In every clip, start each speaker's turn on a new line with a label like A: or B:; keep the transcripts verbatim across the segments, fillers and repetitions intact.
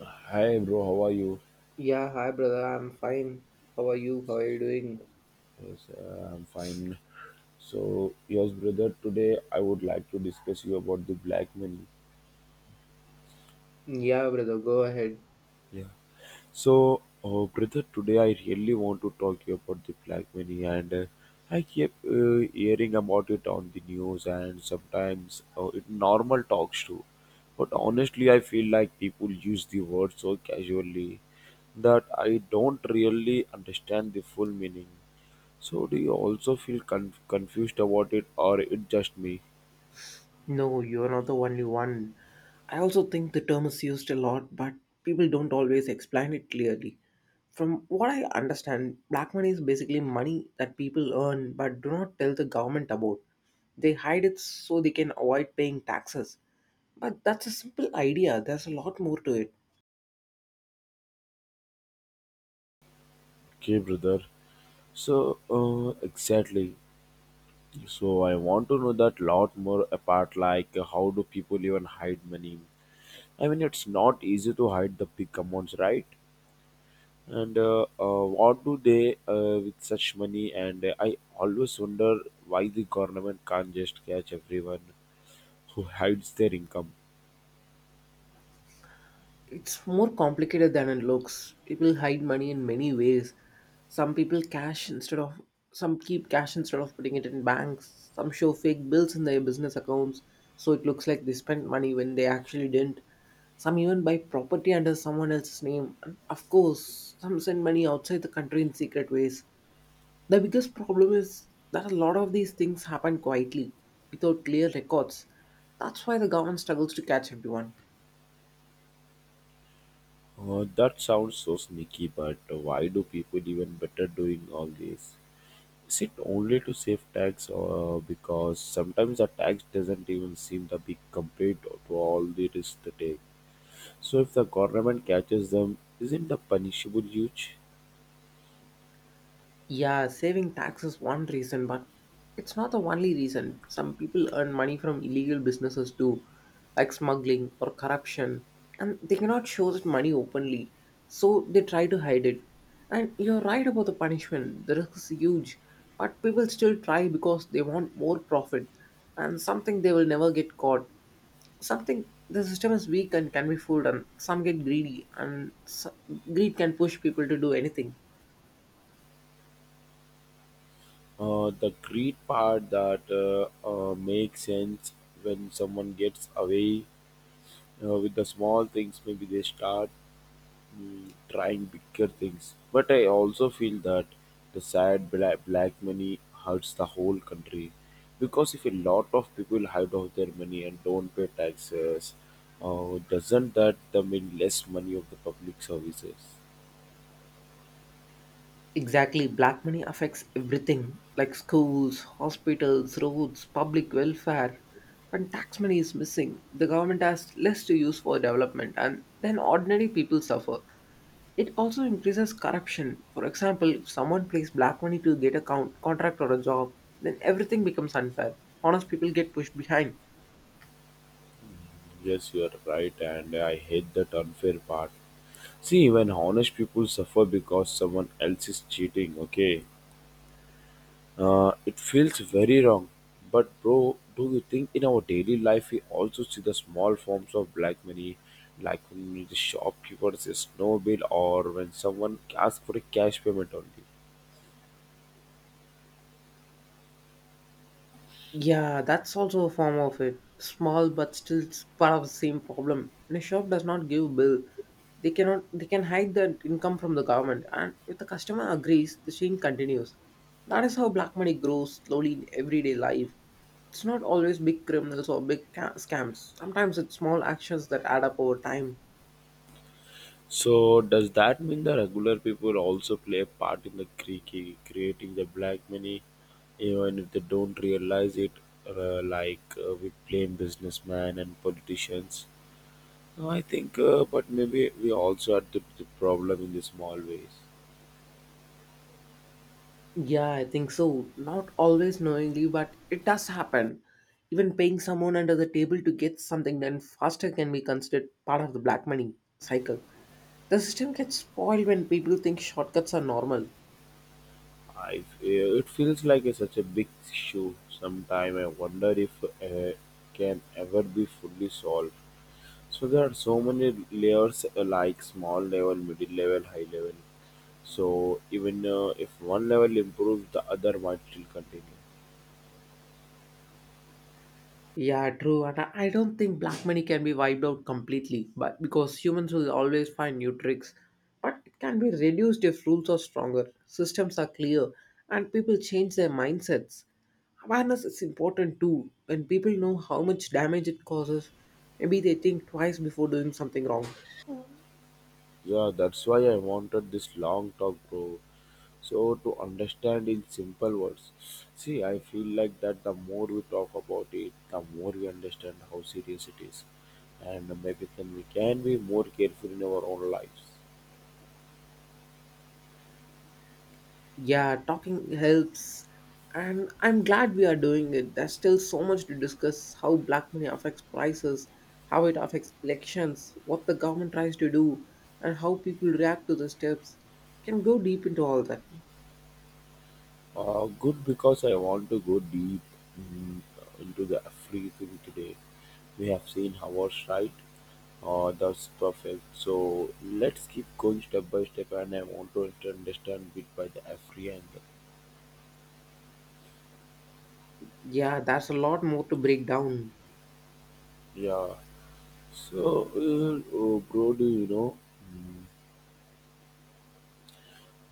A: Hi bro, how are you?
B: Yeah, hi brother, I'm fine. How are you? How are you doing?
A: Yes, uh, I'm fine. So, yes, brother, today I would like to discuss you about the black money.
B: Yeah, brother, go ahead.
A: Yeah. So, uh, brother, today I really want to talk you about the black money, and uh, I keep uh, hearing about it on the news and sometimes uh, it normal talks too. But honestly, I feel like people use the word so casually that I don't really understand the full meaning. So do you also feel con- confused about it or it just me?
B: No, you're not the only one. I also think the term is used a lot, but people don't always explain it clearly. From what I understand, black money is basically money that people earn but do not tell the government about. They hide it so they can avoid paying taxes. But that's a simple idea, there's a lot more to it.
A: Okay, brother. So uh, exactly. So I want to know that lot more apart like how do people even hide money? I mean it's not easy to hide the big amounts, right? And uh, uh, what do they uh, with such money? And uh, I always wonder why the government can't just catch everyone who hides their income.
B: It's more complicated than it looks. People hide money in many ways. Some people cash instead of some keep cash instead of putting it in banks. Some show fake bills in their business accounts so it looks like they spent money when they actually didn't. Some even buy property under someone else's name. And of course, some send money outside the country in secret ways. The biggest problem is that a lot of these things happen quietly without clear records. That's why the government struggles to catch everyone.
A: Uh, that sounds so sneaky, but why do people even better doing all this? Is it only to save tax, or because sometimes the tax doesn't even seem to be compared to all the risks they take? So if the government catches them, isn't the punishable huge?
B: Yeah, saving tax is one reason, but it's not the only reason. Some people earn money from illegal businesses too, like smuggling or corruption, and they cannot show that money openly, so they try to hide it. And you're right about the punishment, the risk is huge, but people still try because they want more profit and something they will never get caught. Something the system is weak and can be fooled, and some get greedy, and s greed can push people to do anything.
A: Uh, the greed part that uh, uh, makes sense when someone gets away uh, with the small things, maybe they start mm, trying bigger things. But I also feel that the sad black, black money hurts the whole country because if a lot of people hide out their money and don't pay taxes, uh, doesn't that the mean less money of the public services?
B: Exactly, black money affects everything like schools, hospitals, roads, public welfare. When tax money is missing, the government has less to use for development and then ordinary people suffer. It also increases corruption. For example, if someone pays black money to get a count, contract or a job, then everything becomes unfair. Honest people get pushed behind.
A: Yes, you are right, and I hate that unfair part. See, when honest people suffer because someone else is cheating, okay? Uh, it feels very wrong. But, bro, do you think in our daily life we also see the small forms of black money, like when the shopkeeper says no bill or when someone asks for a cash payment only?
B: Yeah, that's also a form of it. Small but still s- part of the same problem. When a shop does not give bill, they cannot they can hide the income from the government, and if the customer agrees, the chain continues. That is how black money grows slowly in everyday life. It's not always big criminals or big ca- scams. Sometimes it's small actions that add up over time.
A: So, does that mean the regular people also play a part in the cre- creating the black money, even if they don't realize it? Uh, like uh, we blame businessmen and politicians. No, I think, uh, but maybe we also are the, the problem in the small ways.
B: Yeah, I think so. Not always knowingly, but it does happen. Even paying someone under the table to get something done faster can be considered part of the black money cycle. The system gets spoiled when people think shortcuts are normal.
A: I, it feels like a, such a big issue. Sometimes I wonder if uh, can ever be fully solved. So there are so many layers, uh, like small level, middle level, high level. So even uh, if one level improves, the other might still continue.
B: Yeah, true. And I I don't think black money can be wiped out completely, but because humans will always find new tricks. But it can be reduced if rules are stronger, systems are clear, and people change their mindsets. Awareness is important too. When people know how much damage it causes, maybe they think twice before doing something wrong.
A: Yeah, that's why I wanted this long talk, bro. So to understand in simple words, see, I feel like that the more we talk about it, the more we understand how serious it is, and maybe then we can be more careful in our own lives.
B: Yeah, talking helps. And I'm glad we are doing it. There's still so much to discuss: how black money affects prices, how it affects elections, what the government tries to do, and how people react to the steps. Can go deep into all that.
A: Uh, good because I want to go deep mm, into the everything today. We have seen ours right, uh, that's perfect. So let's keep going step by step, and I want to understand bit by the every angle.
B: Yeah, there's a lot more to break down.
A: Yeah. So, uh, oh, bro, do you know? mm,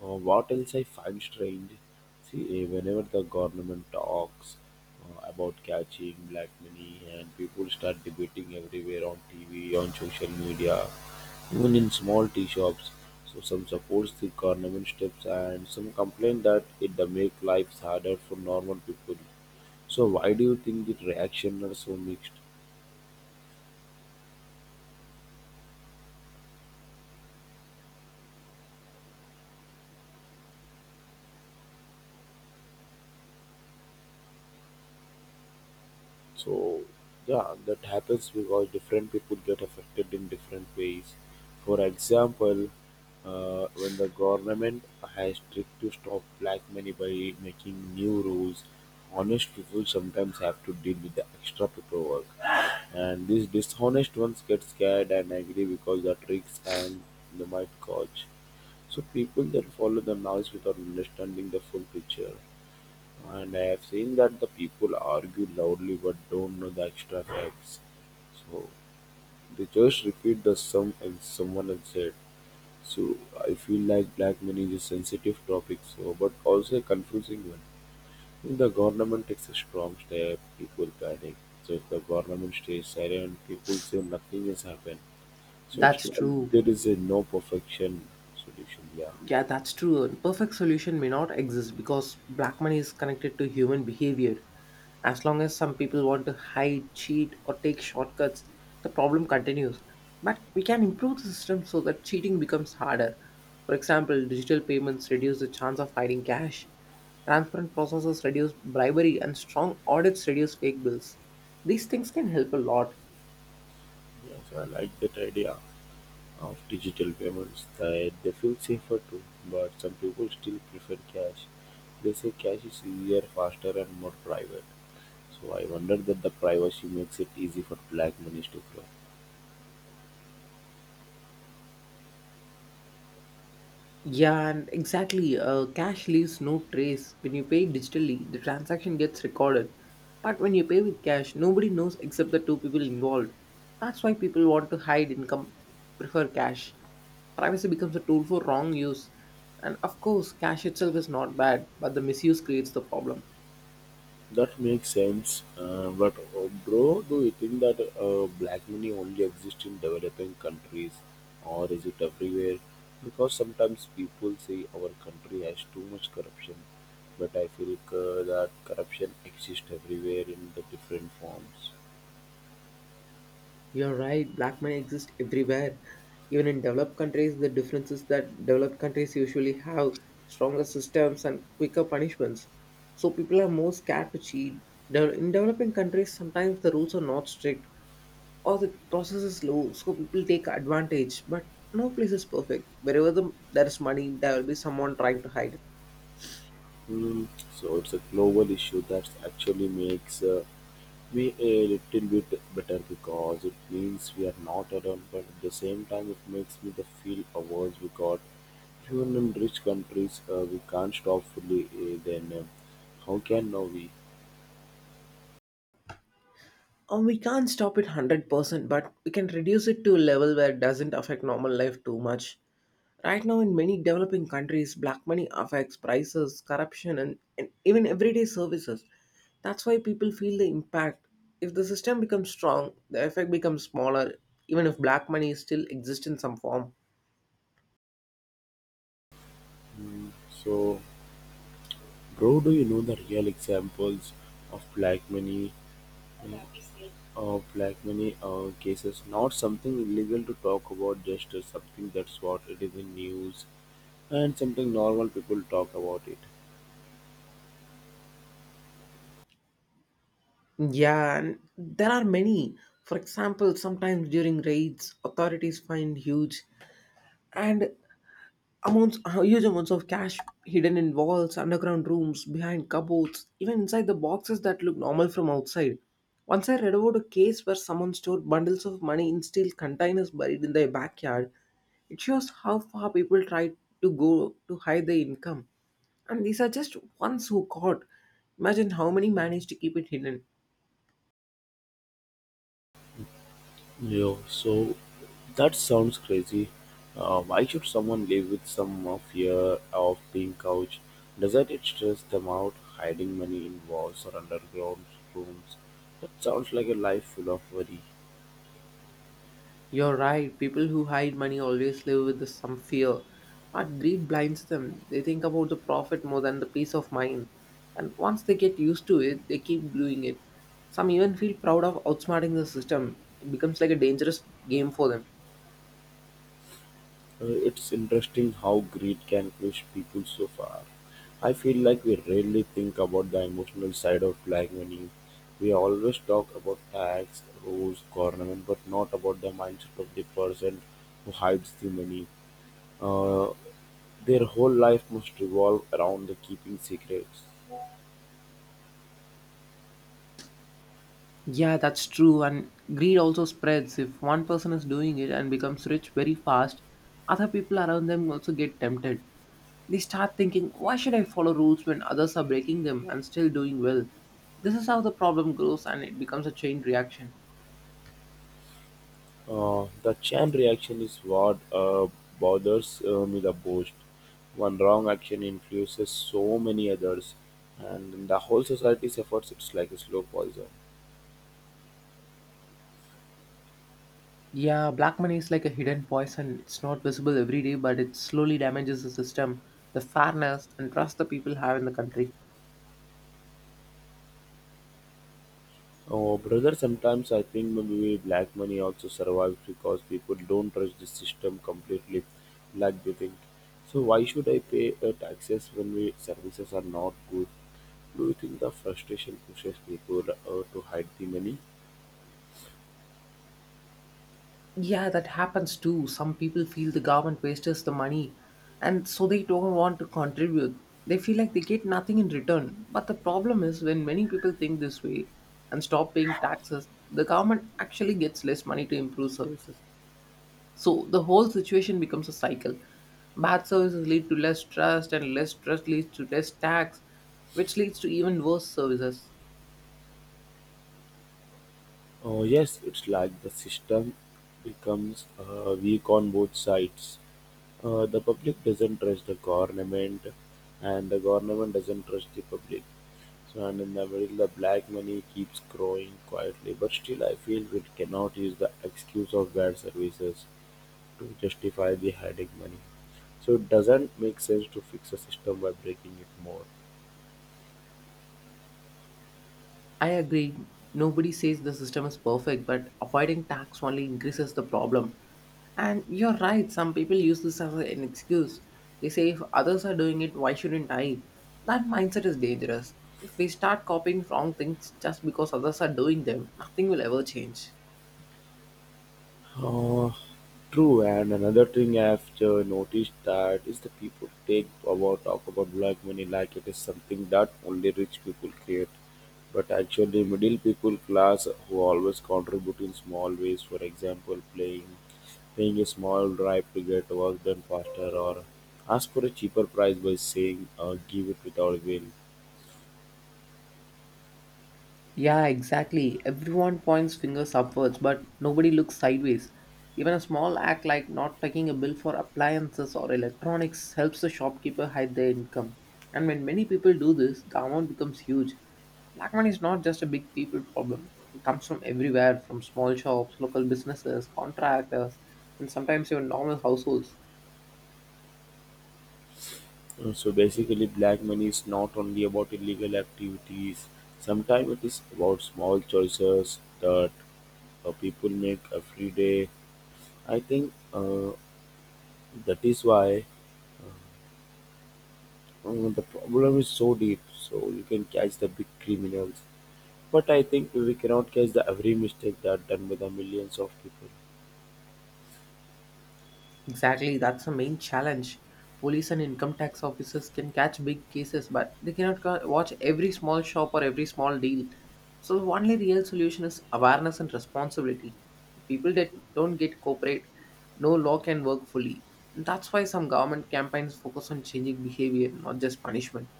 A: Uh, what else I find strange, see, eh, whenever the government talks uh, about catching black money and people start debating everywhere on T V, on social media, even in small tea shops. So some supports the government steps and some complain that it the make lives harder for normal people. So why do you think the reaction are so mixed? So yeah, that happens because different people get affected in different ways. For example, uh, when the government has tried to stop black money by making new rules, honest people sometimes have to deal with the extra paperwork, and these dishonest ones get scared and angry because the tricks and they might catch. So people that follow the noise without understanding the full picture. And I have seen that the people argue loudly but don't know the extra facts. So they just repeat the sum and someone else said. So I feel like black money is a sensitive topic, so but also a confusing one. If the government takes a strong step, people panic. So if the government stays silent, people say nothing has happened. So it's
B: That's
A: like
B: true.
A: there is a no perfection solution. Yeah,
B: Yeah, that's true. A perfect solution may not exist because black money is connected to human behavior. As long as some people want to hide, cheat, or take shortcuts, the problem continues. But we can improve the system so that cheating becomes harder. For example, digital payments reduce the chance of hiding cash, transparent processes reduce bribery, and strong audits reduce fake bills. These things can help a lot.
A: yeah. So I like that idea. Of digital payments that they feel safer too, but some people still prefer cash. They say cash is easier, faster, and more private. So I wonder that the privacy makes it easy for black money to grow.
B: Yeah, and exactly. Uh, cash leaves no trace. When you pay digitally, the transaction gets recorded. But when you pay with cash, nobody knows except the two people involved. That's why people want to hide income, prefer cash. Privacy becomes a tool for wrong use. And of course, cash itself is not bad, but the misuse creates the problem.
A: That makes sense. Uh, but uh, bro, do you think that uh, black money only exists in developing countries or is it everywhere? Because sometimes people say our country has too much corruption, but I feel uh, that corruption exists everywhere in the different forms.
B: You're right, black money exists everywhere. Even in developed countries, the difference is that developed countries usually have stronger systems and quicker punishments. So people are more scared to cheat. De- In developing countries, sometimes the rules are not strict or the process is slow, so people take advantage. But no place is perfect. Wherever the, there is money, there will be someone trying to hide it.
A: Hmm. So it's a global issue that actually makes uh, we a little bit better because it means we are not alone, but at the same time, it makes me the feel awards we got. Even in rich countries, uh, we can't stop fully uh, then uh, how can now we?
B: Um, we can't stop it one hundred percent, but we can reduce it to a level where it doesn't affect normal life too much. Right now, in many developing countries, black money affects prices, corruption, and, and even everyday services. That's why people feel the impact. If the system becomes strong, the effect becomes smaller, even if black money still exists in some form.
A: So, bro, do you know the real examples of black money? uh, Of black money uh, cases, not something illegal to talk about, just uh, something that's what it is in news and something normal people talk about it.
B: Yeah, and there are many. For example, sometimes during raids, authorities find huge and Amounts, uh, huge amounts of cash hidden in walls, underground rooms, behind cupboards, even inside the boxes that look normal from outside. Once I read about a case where someone stored bundles of money in steel containers buried in their backyard. It shows how far people try to go to hide their income. And these are just ones who caught. Imagine how many managed to keep it hidden.
A: Yo, so that sounds crazy. Uh, why should someone live with some uh, fear of being couch? Doesn't it stress them out, hiding money in walls or underground rooms? That sounds like a life full of worry.
B: You're right, people who hide money always live with some fear. But greed blinds them. They think about the profit more than the peace of mind. And once they get used to it, they keep doing it. Some even feel proud of outsmarting the system. It becomes like a dangerous game for them.
A: Uh, it's interesting how greed can push people so far. I feel like we rarely think about the emotional side of black money. We always talk about tax, rules, government, but not about the mindset of the person who hides the money. Uh, their whole life must revolve around the keeping secrets.
B: Yeah, that's true. And greed also spreads. If one person is doing it and becomes rich very fast, other people around them also get tempted. They start thinking, why should I follow rules when others are breaking them and still doing well? This is how the problem grows and it becomes a chain reaction.
A: Uh, the chain reaction is what uh, bothers uh, me the most. One wrong action influences so many others, and the whole society suffers. It's like a slow poison.
B: Yeah, black money is like a hidden poison. It's not visible every day, but it slowly damages the system, the fairness, and trust the people have in the country.
A: Oh, brother, sometimes I think maybe black money also survives because people don't trust the system completely like they think. So why should I pay uh, taxes when we services are not good? Do you think the frustration pushes people uh, to hide the money?
B: Yeah, that happens too. Some people feel the government wastes the money and so they don't want to contribute. They feel like they get nothing in return. But the problem is when many people think this way and stop paying taxes, the government actually gets less money to improve services. So the whole situation becomes a cycle. Bad services lead to less trust, and less trust leads to less tax, which leads to even worse services.
A: Uh, yes, it's like the system becomes uh, weak on both sides. Uh, the public doesn't trust the government, and the government doesn't trust the public. So, and in the middle, the black money keeps growing quietly. But still, I feel we cannot use the excuse of bad services to justify the hiding money. So, it doesn't make sense to fix a system by breaking it more.
B: I agree. Nobody says the system is perfect, but avoiding tax only increases the problem. And you're right, some people use this as an excuse. They say if others are doing it, why shouldn't I? That mindset is dangerous. If we start copying wrong things just because others are doing them, nothing will ever change.
A: Uh, True, and another thing I've uh, noticed that is the people take about talk about black money like it is something that only rich people create, but actually middle people class who always contribute in small ways. For example, playing paying a small bribe to get work done faster, or ask for a cheaper price by saying uh, give it without will.
B: Yeah, exactly. Everyone points fingers upwards, but nobody looks sideways. Even a small act like not taking a bill for appliances or electronics helps the shopkeeper hide their income. And when many people do this, the amount becomes huge. Black money is not just a big people problem, it comes from everywhere: from small shops, local businesses, contractors, and sometimes even normal households.
A: Uh, So basically, black money is not only about illegal activities. Sometimes it is about small choices that uh, people make every day. I think uh, that is why um, the problem is so deep. So you can catch the big criminals, but I think we cannot catch the every mistake that done by the millions of people.
B: Exactly, that's the main challenge. Police and income tax officers can catch big cases, but they cannot ca- watch every small shop or every small deal. So, the only real solution is awareness and responsibility. If people that don't get cooperate, no law can work fully. That's why some government campaigns focus on changing behavior, not just punishment.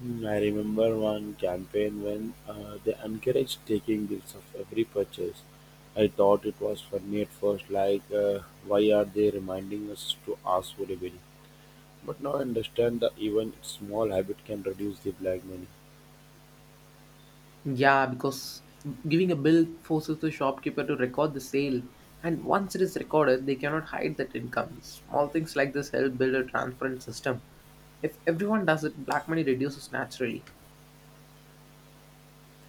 A: Hmm, I remember one campaign when uh, they encouraged taking bills of every purchase. I thought it was funny at first, like uh, why are they reminding us to ask for a bill? But now I understand that even small habit can reduce the black money.
B: Yeah, because giving a bill forces the shopkeeper to record the sale, and once it is recorded, they cannot hide that income. Small things like this help build a transparent system. If everyone does it, black money reduces naturally.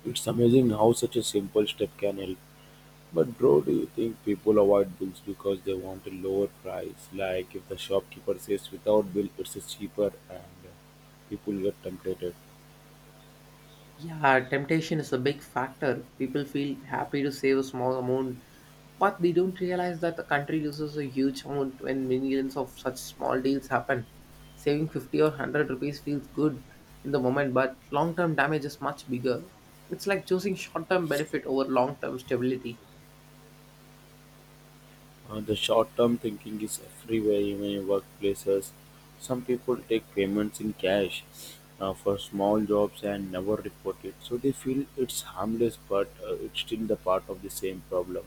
A: It's amazing how such a simple step can help. But bro, do you think people avoid bills because they want a lower price? Like if the shopkeeper says without bill it's cheaper and uh, people get tempted.
B: Yeah, temptation is a big factor. People feel happy to save a small amount, but they don't realize that the country loses a huge amount when millions of such small deals happen. Saving fifty or one hundred rupees feels good in the moment, but long term damage is much bigger. It's like choosing short term benefit over long term stability.
A: Uh, the short-term thinking is everywhere, even in workplaces. Some people take payments in cash uh, for small jobs and never report it. So they feel it's harmless, but uh, it's still the part of the same problem.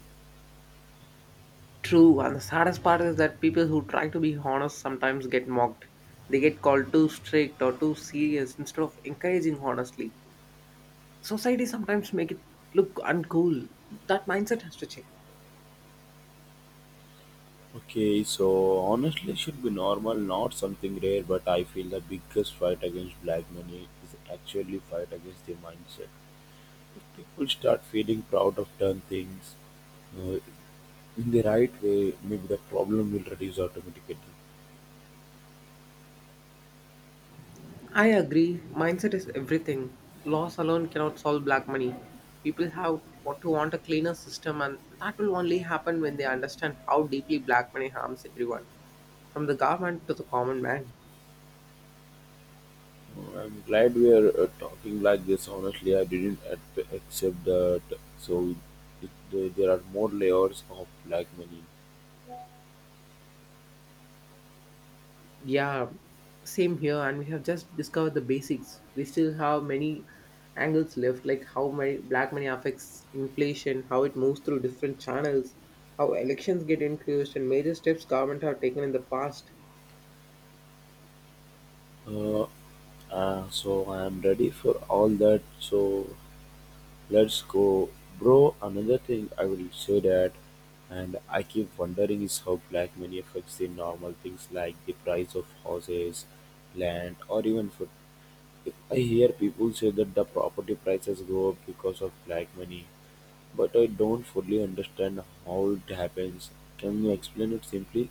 B: True, and the saddest part is that people who try to be honest sometimes get mocked. They get called too strict or too serious instead of encouraging honestly. Society sometimes make it look uncool. That mindset has to change.
A: Okay, so honestly, it should be normal, not something rare. But I feel the biggest fight against black money is actually fight against the mindset. If people start feeling proud of done things uh, in the right way, maybe the problem will reduce automatically.
B: I agree, mindset is everything. Laws alone cannot solve black money. People have what to want a cleaner system, and that will only happen when they understand how deeply black money harms everyone, from the government to the common man.
A: Uh, I'm glad we are uh, talking like this. Honestly, I didn't ac- accept that. So it, there there are more layers of black money.
B: Yeah, same here. And we have just discovered the basics. We still have many angles left, like how money, black money affects inflation, how it moves through different channels, how elections get influenced, and major steps government have taken in the past.
A: Uh, uh, so I am ready for all that. So let's go. Bro, another thing I will say that and I keep wondering is how black money affects the normal things like the price of houses, land or even food. I hear people say that the property prices go up because of black money, but I don't fully understand how it happens. Can you explain it simply?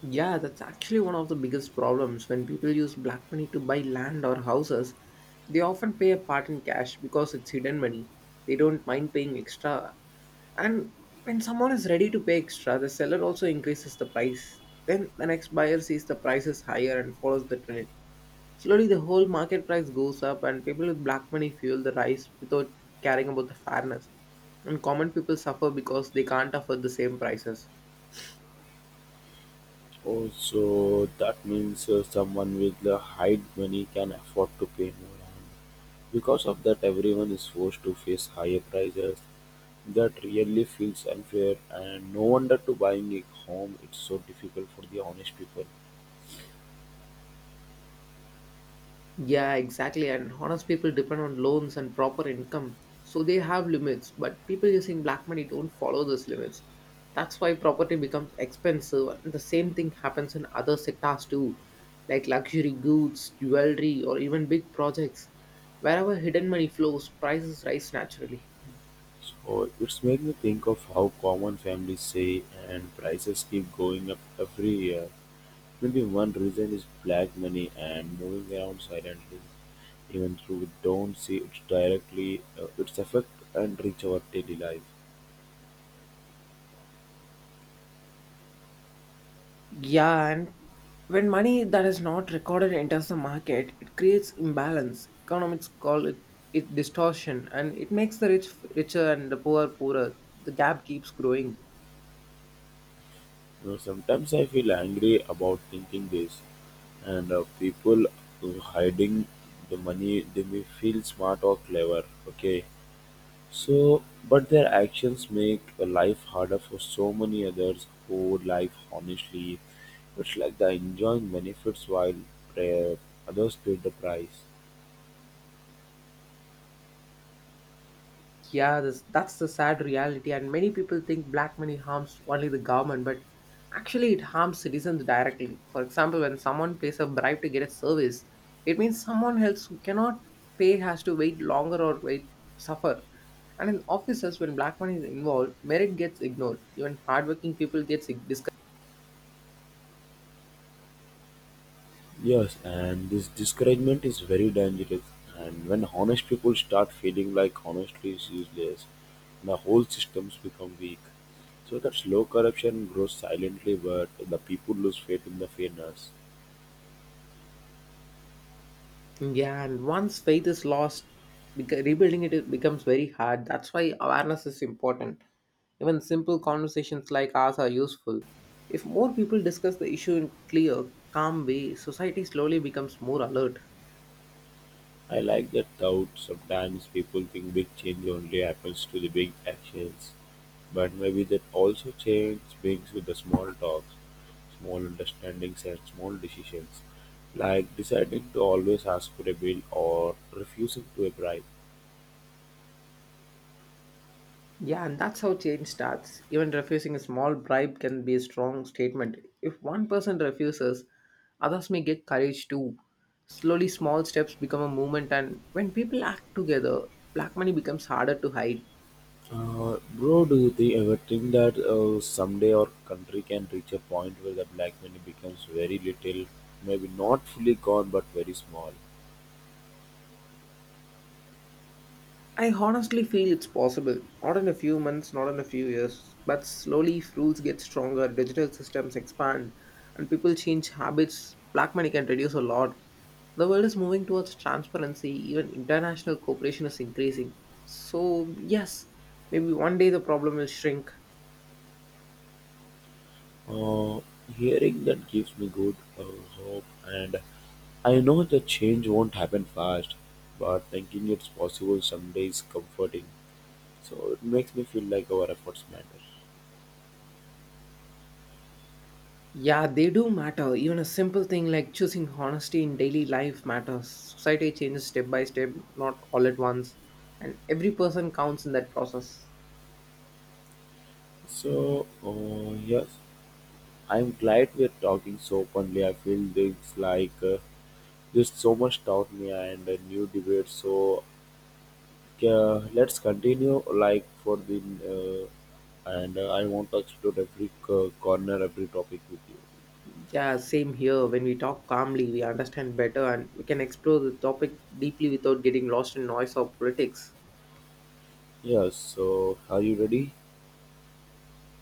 B: Yeah, that's actually one of the biggest problems. When people use black money to buy land or houses, they often pay a part in cash because it's hidden money. They don't mind paying extra. And when someone is ready to pay extra, the seller also increases the price. Then the next buyer sees the price is higher and follows the trend. Slowly, the whole market price goes up, and people with black money fuel the rise without caring about the fairness. And common people suffer because they can't afford the same prices.
A: Oh, so that means uh, someone with the high money can afford to pay more. Because of that, everyone is forced to face higher prices. That really feels unfair, and no wonder to buying a home it's so difficult for the honest people.
B: Yeah, exactly. And honest people depend on loans and proper income. So they have limits, but people using black money don't follow those limits. That's why property becomes expensive. And the same thing happens in other sectors too, like luxury goods, jewelry, or even big projects. Wherever hidden money flows, prices rise naturally.
A: So it's made me think of how common families say and prices keep going up every year. Maybe one reason is black money and moving around silently, even though we don't see it directly, uh, its effect and reach our daily life.
B: Yeah, and when money that is not recorded enters the market, it creates imbalance. Economists call it, it distortion, and it makes the rich f- richer and the poor poorer. The gap keeps growing.
A: You know, sometimes I feel angry about thinking this, and uh, people who hiding the money they may feel smart or clever. Okay, so but their actions make a life harder for so many others who life honestly. It's like they enjoying benefits while uh, others pay the price.
B: Yeah, this, that's the sad reality. And many people think black money harms only the government, but actually, it harms citizens directly. For example, when someone pays a bribe to get a service, it means someone else who cannot pay has to wait longer or wait suffer. And in offices, when black money is involved, merit gets ignored. Even hardworking people get discouraged.
A: Yes, and this discouragement is very dangerous. And when honest people start feeling like honesty is useless, the whole systems become weak. So that slow corruption grows silently, but the people lose faith in the fairness.
B: Yeah, and once faith is lost, beca- rebuilding it it becomes very hard. That's why awareness is important. Even simple conversations like ours are useful. If more people discuss the issue in clear, calm way, society slowly becomes more alert.
A: I like that thought. Sometimes people think big change only happens to the big actions, but maybe that also change begins with the small talks, small understandings, and small decisions, like deciding to always ask for a bill or refusing to a bribe.
B: Yeah, and that's how change starts. Even refusing a small bribe can be a strong statement. If one person refuses, others may get courage too. Slowly, small steps become a movement, and when people act together, black money becomes harder to hide.
A: Uh, bro, do you think, ever think that uh, someday our country can reach a point where the black money becomes very little, maybe not fully gone but very small?
B: I honestly feel it's possible. Not in a few months, not in a few years, but slowly if rules get stronger, digital systems expand, and people change habits. Black money can reduce a lot. The world is moving towards transparency, even international cooperation is increasing. So, yes, maybe one day the problem will shrink.
A: Uh, Hearing that gives me good uh, hope, and I know the change won't happen fast, but thinking it's possible someday is comforting. So it makes me feel like our efforts matter.
B: Yeah, they do matter. Even a simple thing like choosing honesty in daily life matters. Society changes step by step, not all at once, and every person counts in that process.
A: So, uh, yes, I'm glad we're talking so openly. I feel things like uh, this so much taught me and a new debate. So, uh, let's continue like for the uh, and uh, I want to explore every uh, corner, every topic with you.
B: Yeah, same here. When we talk calmly, we understand better and we can explore the topic deeply without getting lost in noise or politics.
A: Yes, so are you ready?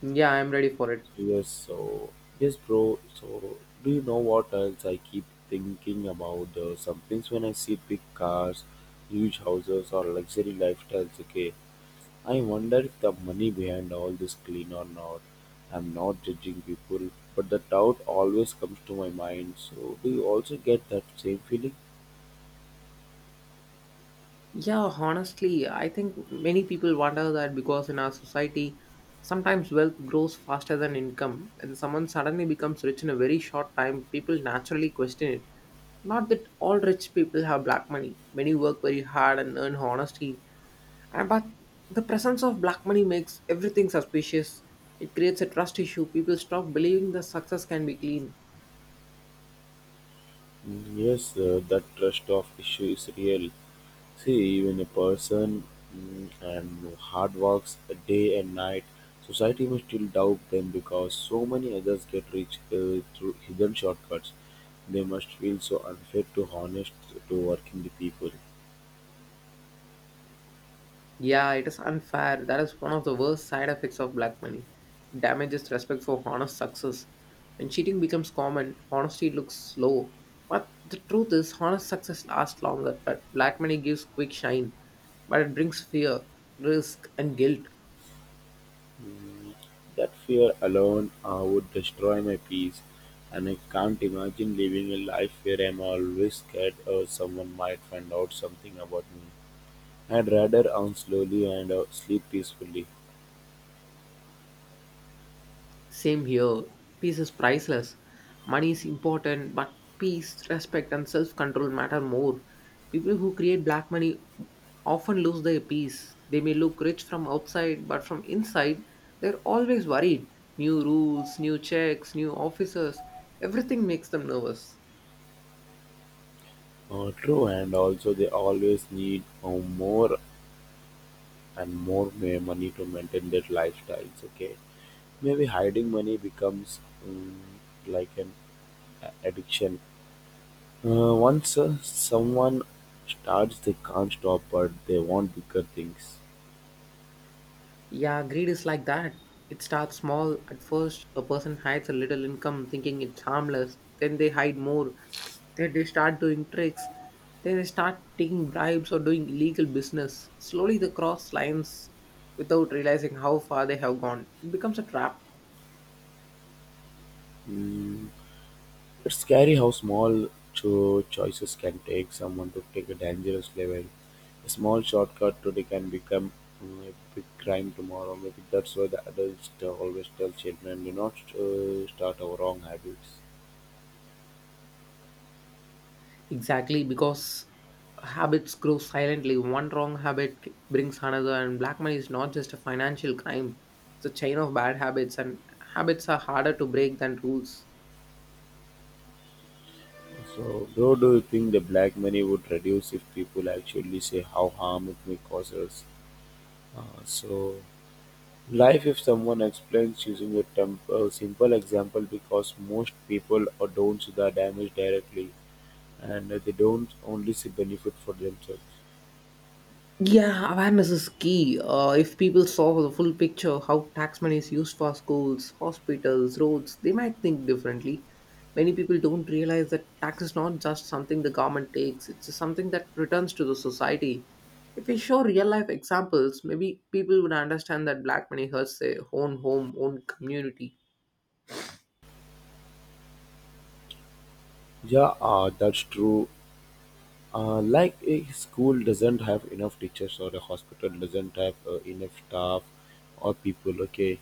B: Yeah, I'm ready for it.
A: So, yes, so yes, bro. So do you know what else I keep thinking about? Uh, some things when I see big cars, huge houses, or luxury lifestyles. Okay, I wonder if the money behind all this clean or not. I'm not judging people, but the doubt always comes to my mind. So do you also get that same feeling?
B: Yeah, honestly, I think many people wonder that because in our society, sometimes wealth grows faster than income, and someone suddenly becomes rich in a very short time, people naturally question it. Not that all rich people have black money. Many work very hard and earn honesty. Uh, But the presence of black money makes everything suspicious. It creates a trust issue. People stop believing the success can be clean.
A: Mm, yes, uh, that trust of issue is real. See, even a person mm, and hard works day and night, society will still doubt them because so many others get rich uh, through hidden shortcuts. They must feel so unfair to honest to working the people.
B: Yeah, it is unfair. That is one of the worst side effects of black money. It damages respect for honest success. When cheating becomes common, honesty looks slow. But the truth is, honest success lasts longer. But black money gives quick shine, but it brings fear, risk, and guilt.
A: Mm, that fear alone uh, would destroy my peace, and I can't imagine living a life where I'm always scared or someone might find out something about me. I'd rather earn slowly and uh, sleep peacefully.
B: Same here. Peace is priceless. Money is important, but peace, respect, and self control matter more. People who create black money often lose their peace. They may look rich from outside, but from inside, they're always worried. New rules, new checks, new officers, everything makes them nervous.
A: Uh, true, and also they always need uh, more and more ma- money to maintain their lifestyles. Okay, maybe hiding money becomes um, like an a- addiction. Uh, once uh, someone starts, they can't stop, but they want bigger things.
B: Yeah, greed is like that. It starts small. At first, a person hides a little income thinking it's harmless. Then they hide more. Then they start doing tricks. Then they start taking bribes or doing illegal business. Slowly, they cross lines without realizing how far they have gone. It becomes a trap.
A: Mm, it's scary how small cho- choices can take someone to take a dangerous level. A small shortcut today can become mm, a big crime tomorrow. Maybe that's why the adults t- always tell children, do not uh, start our wrong habits.
B: Exactly, because habits grow silently. One wrong habit c- brings another, and black money is not just a financial crime, it's a chain of bad habits, and habits are harder to break than rules.
A: So, bro, do you think the black money would reduce if people actually say how harm it may cause us? Uh, so, life, if someone explains using a temp- uh, simple example, because most people uh, don't see the damage directly and they don't only see benefit for themselves.
B: Yeah, awareness is key. Uh, if people saw the full picture, how tax money is used for schools, hospitals, roads, they might think differently. Many people don't realize that tax is not just something the government takes, it's something that returns to the society. If we show real life examples, maybe people would understand that black money hurts their own home, own community.
A: Yeah, uh, that's true. Uh, like a school doesn't have enough teachers or a hospital doesn't have uh, enough staff or people okay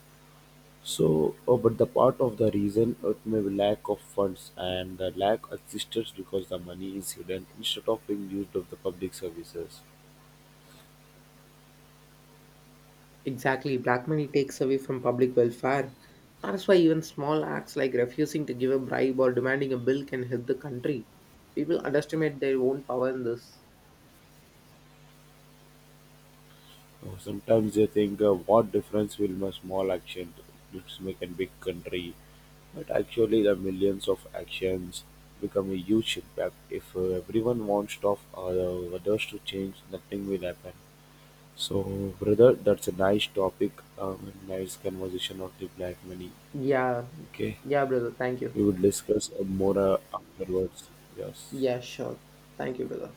A: so uh, but the part of the reason it may be lack of funds and the lack exists because the money is hidden instead of being used of the public services.
B: Exactly, black money takes away from public welfare. That's why even small acts like refusing to give a bribe or demanding a bill can help the country. People underestimate their own power in this.
A: Uh, sometimes they think uh, what difference will my small action let's make a big country. But actually, the millions of actions become a huge impact. If uh, everyone wants stuff or uh, others to change, nothing will happen. So, brother, that's a nice topic, um, and nice conversation of the black money.
B: Yeah,
A: Okay,
B: yeah, brother. Thank you.
A: we will discuss uh, more uh, afterwards. Yes.
B: Yeah, sure. Thank you, brother.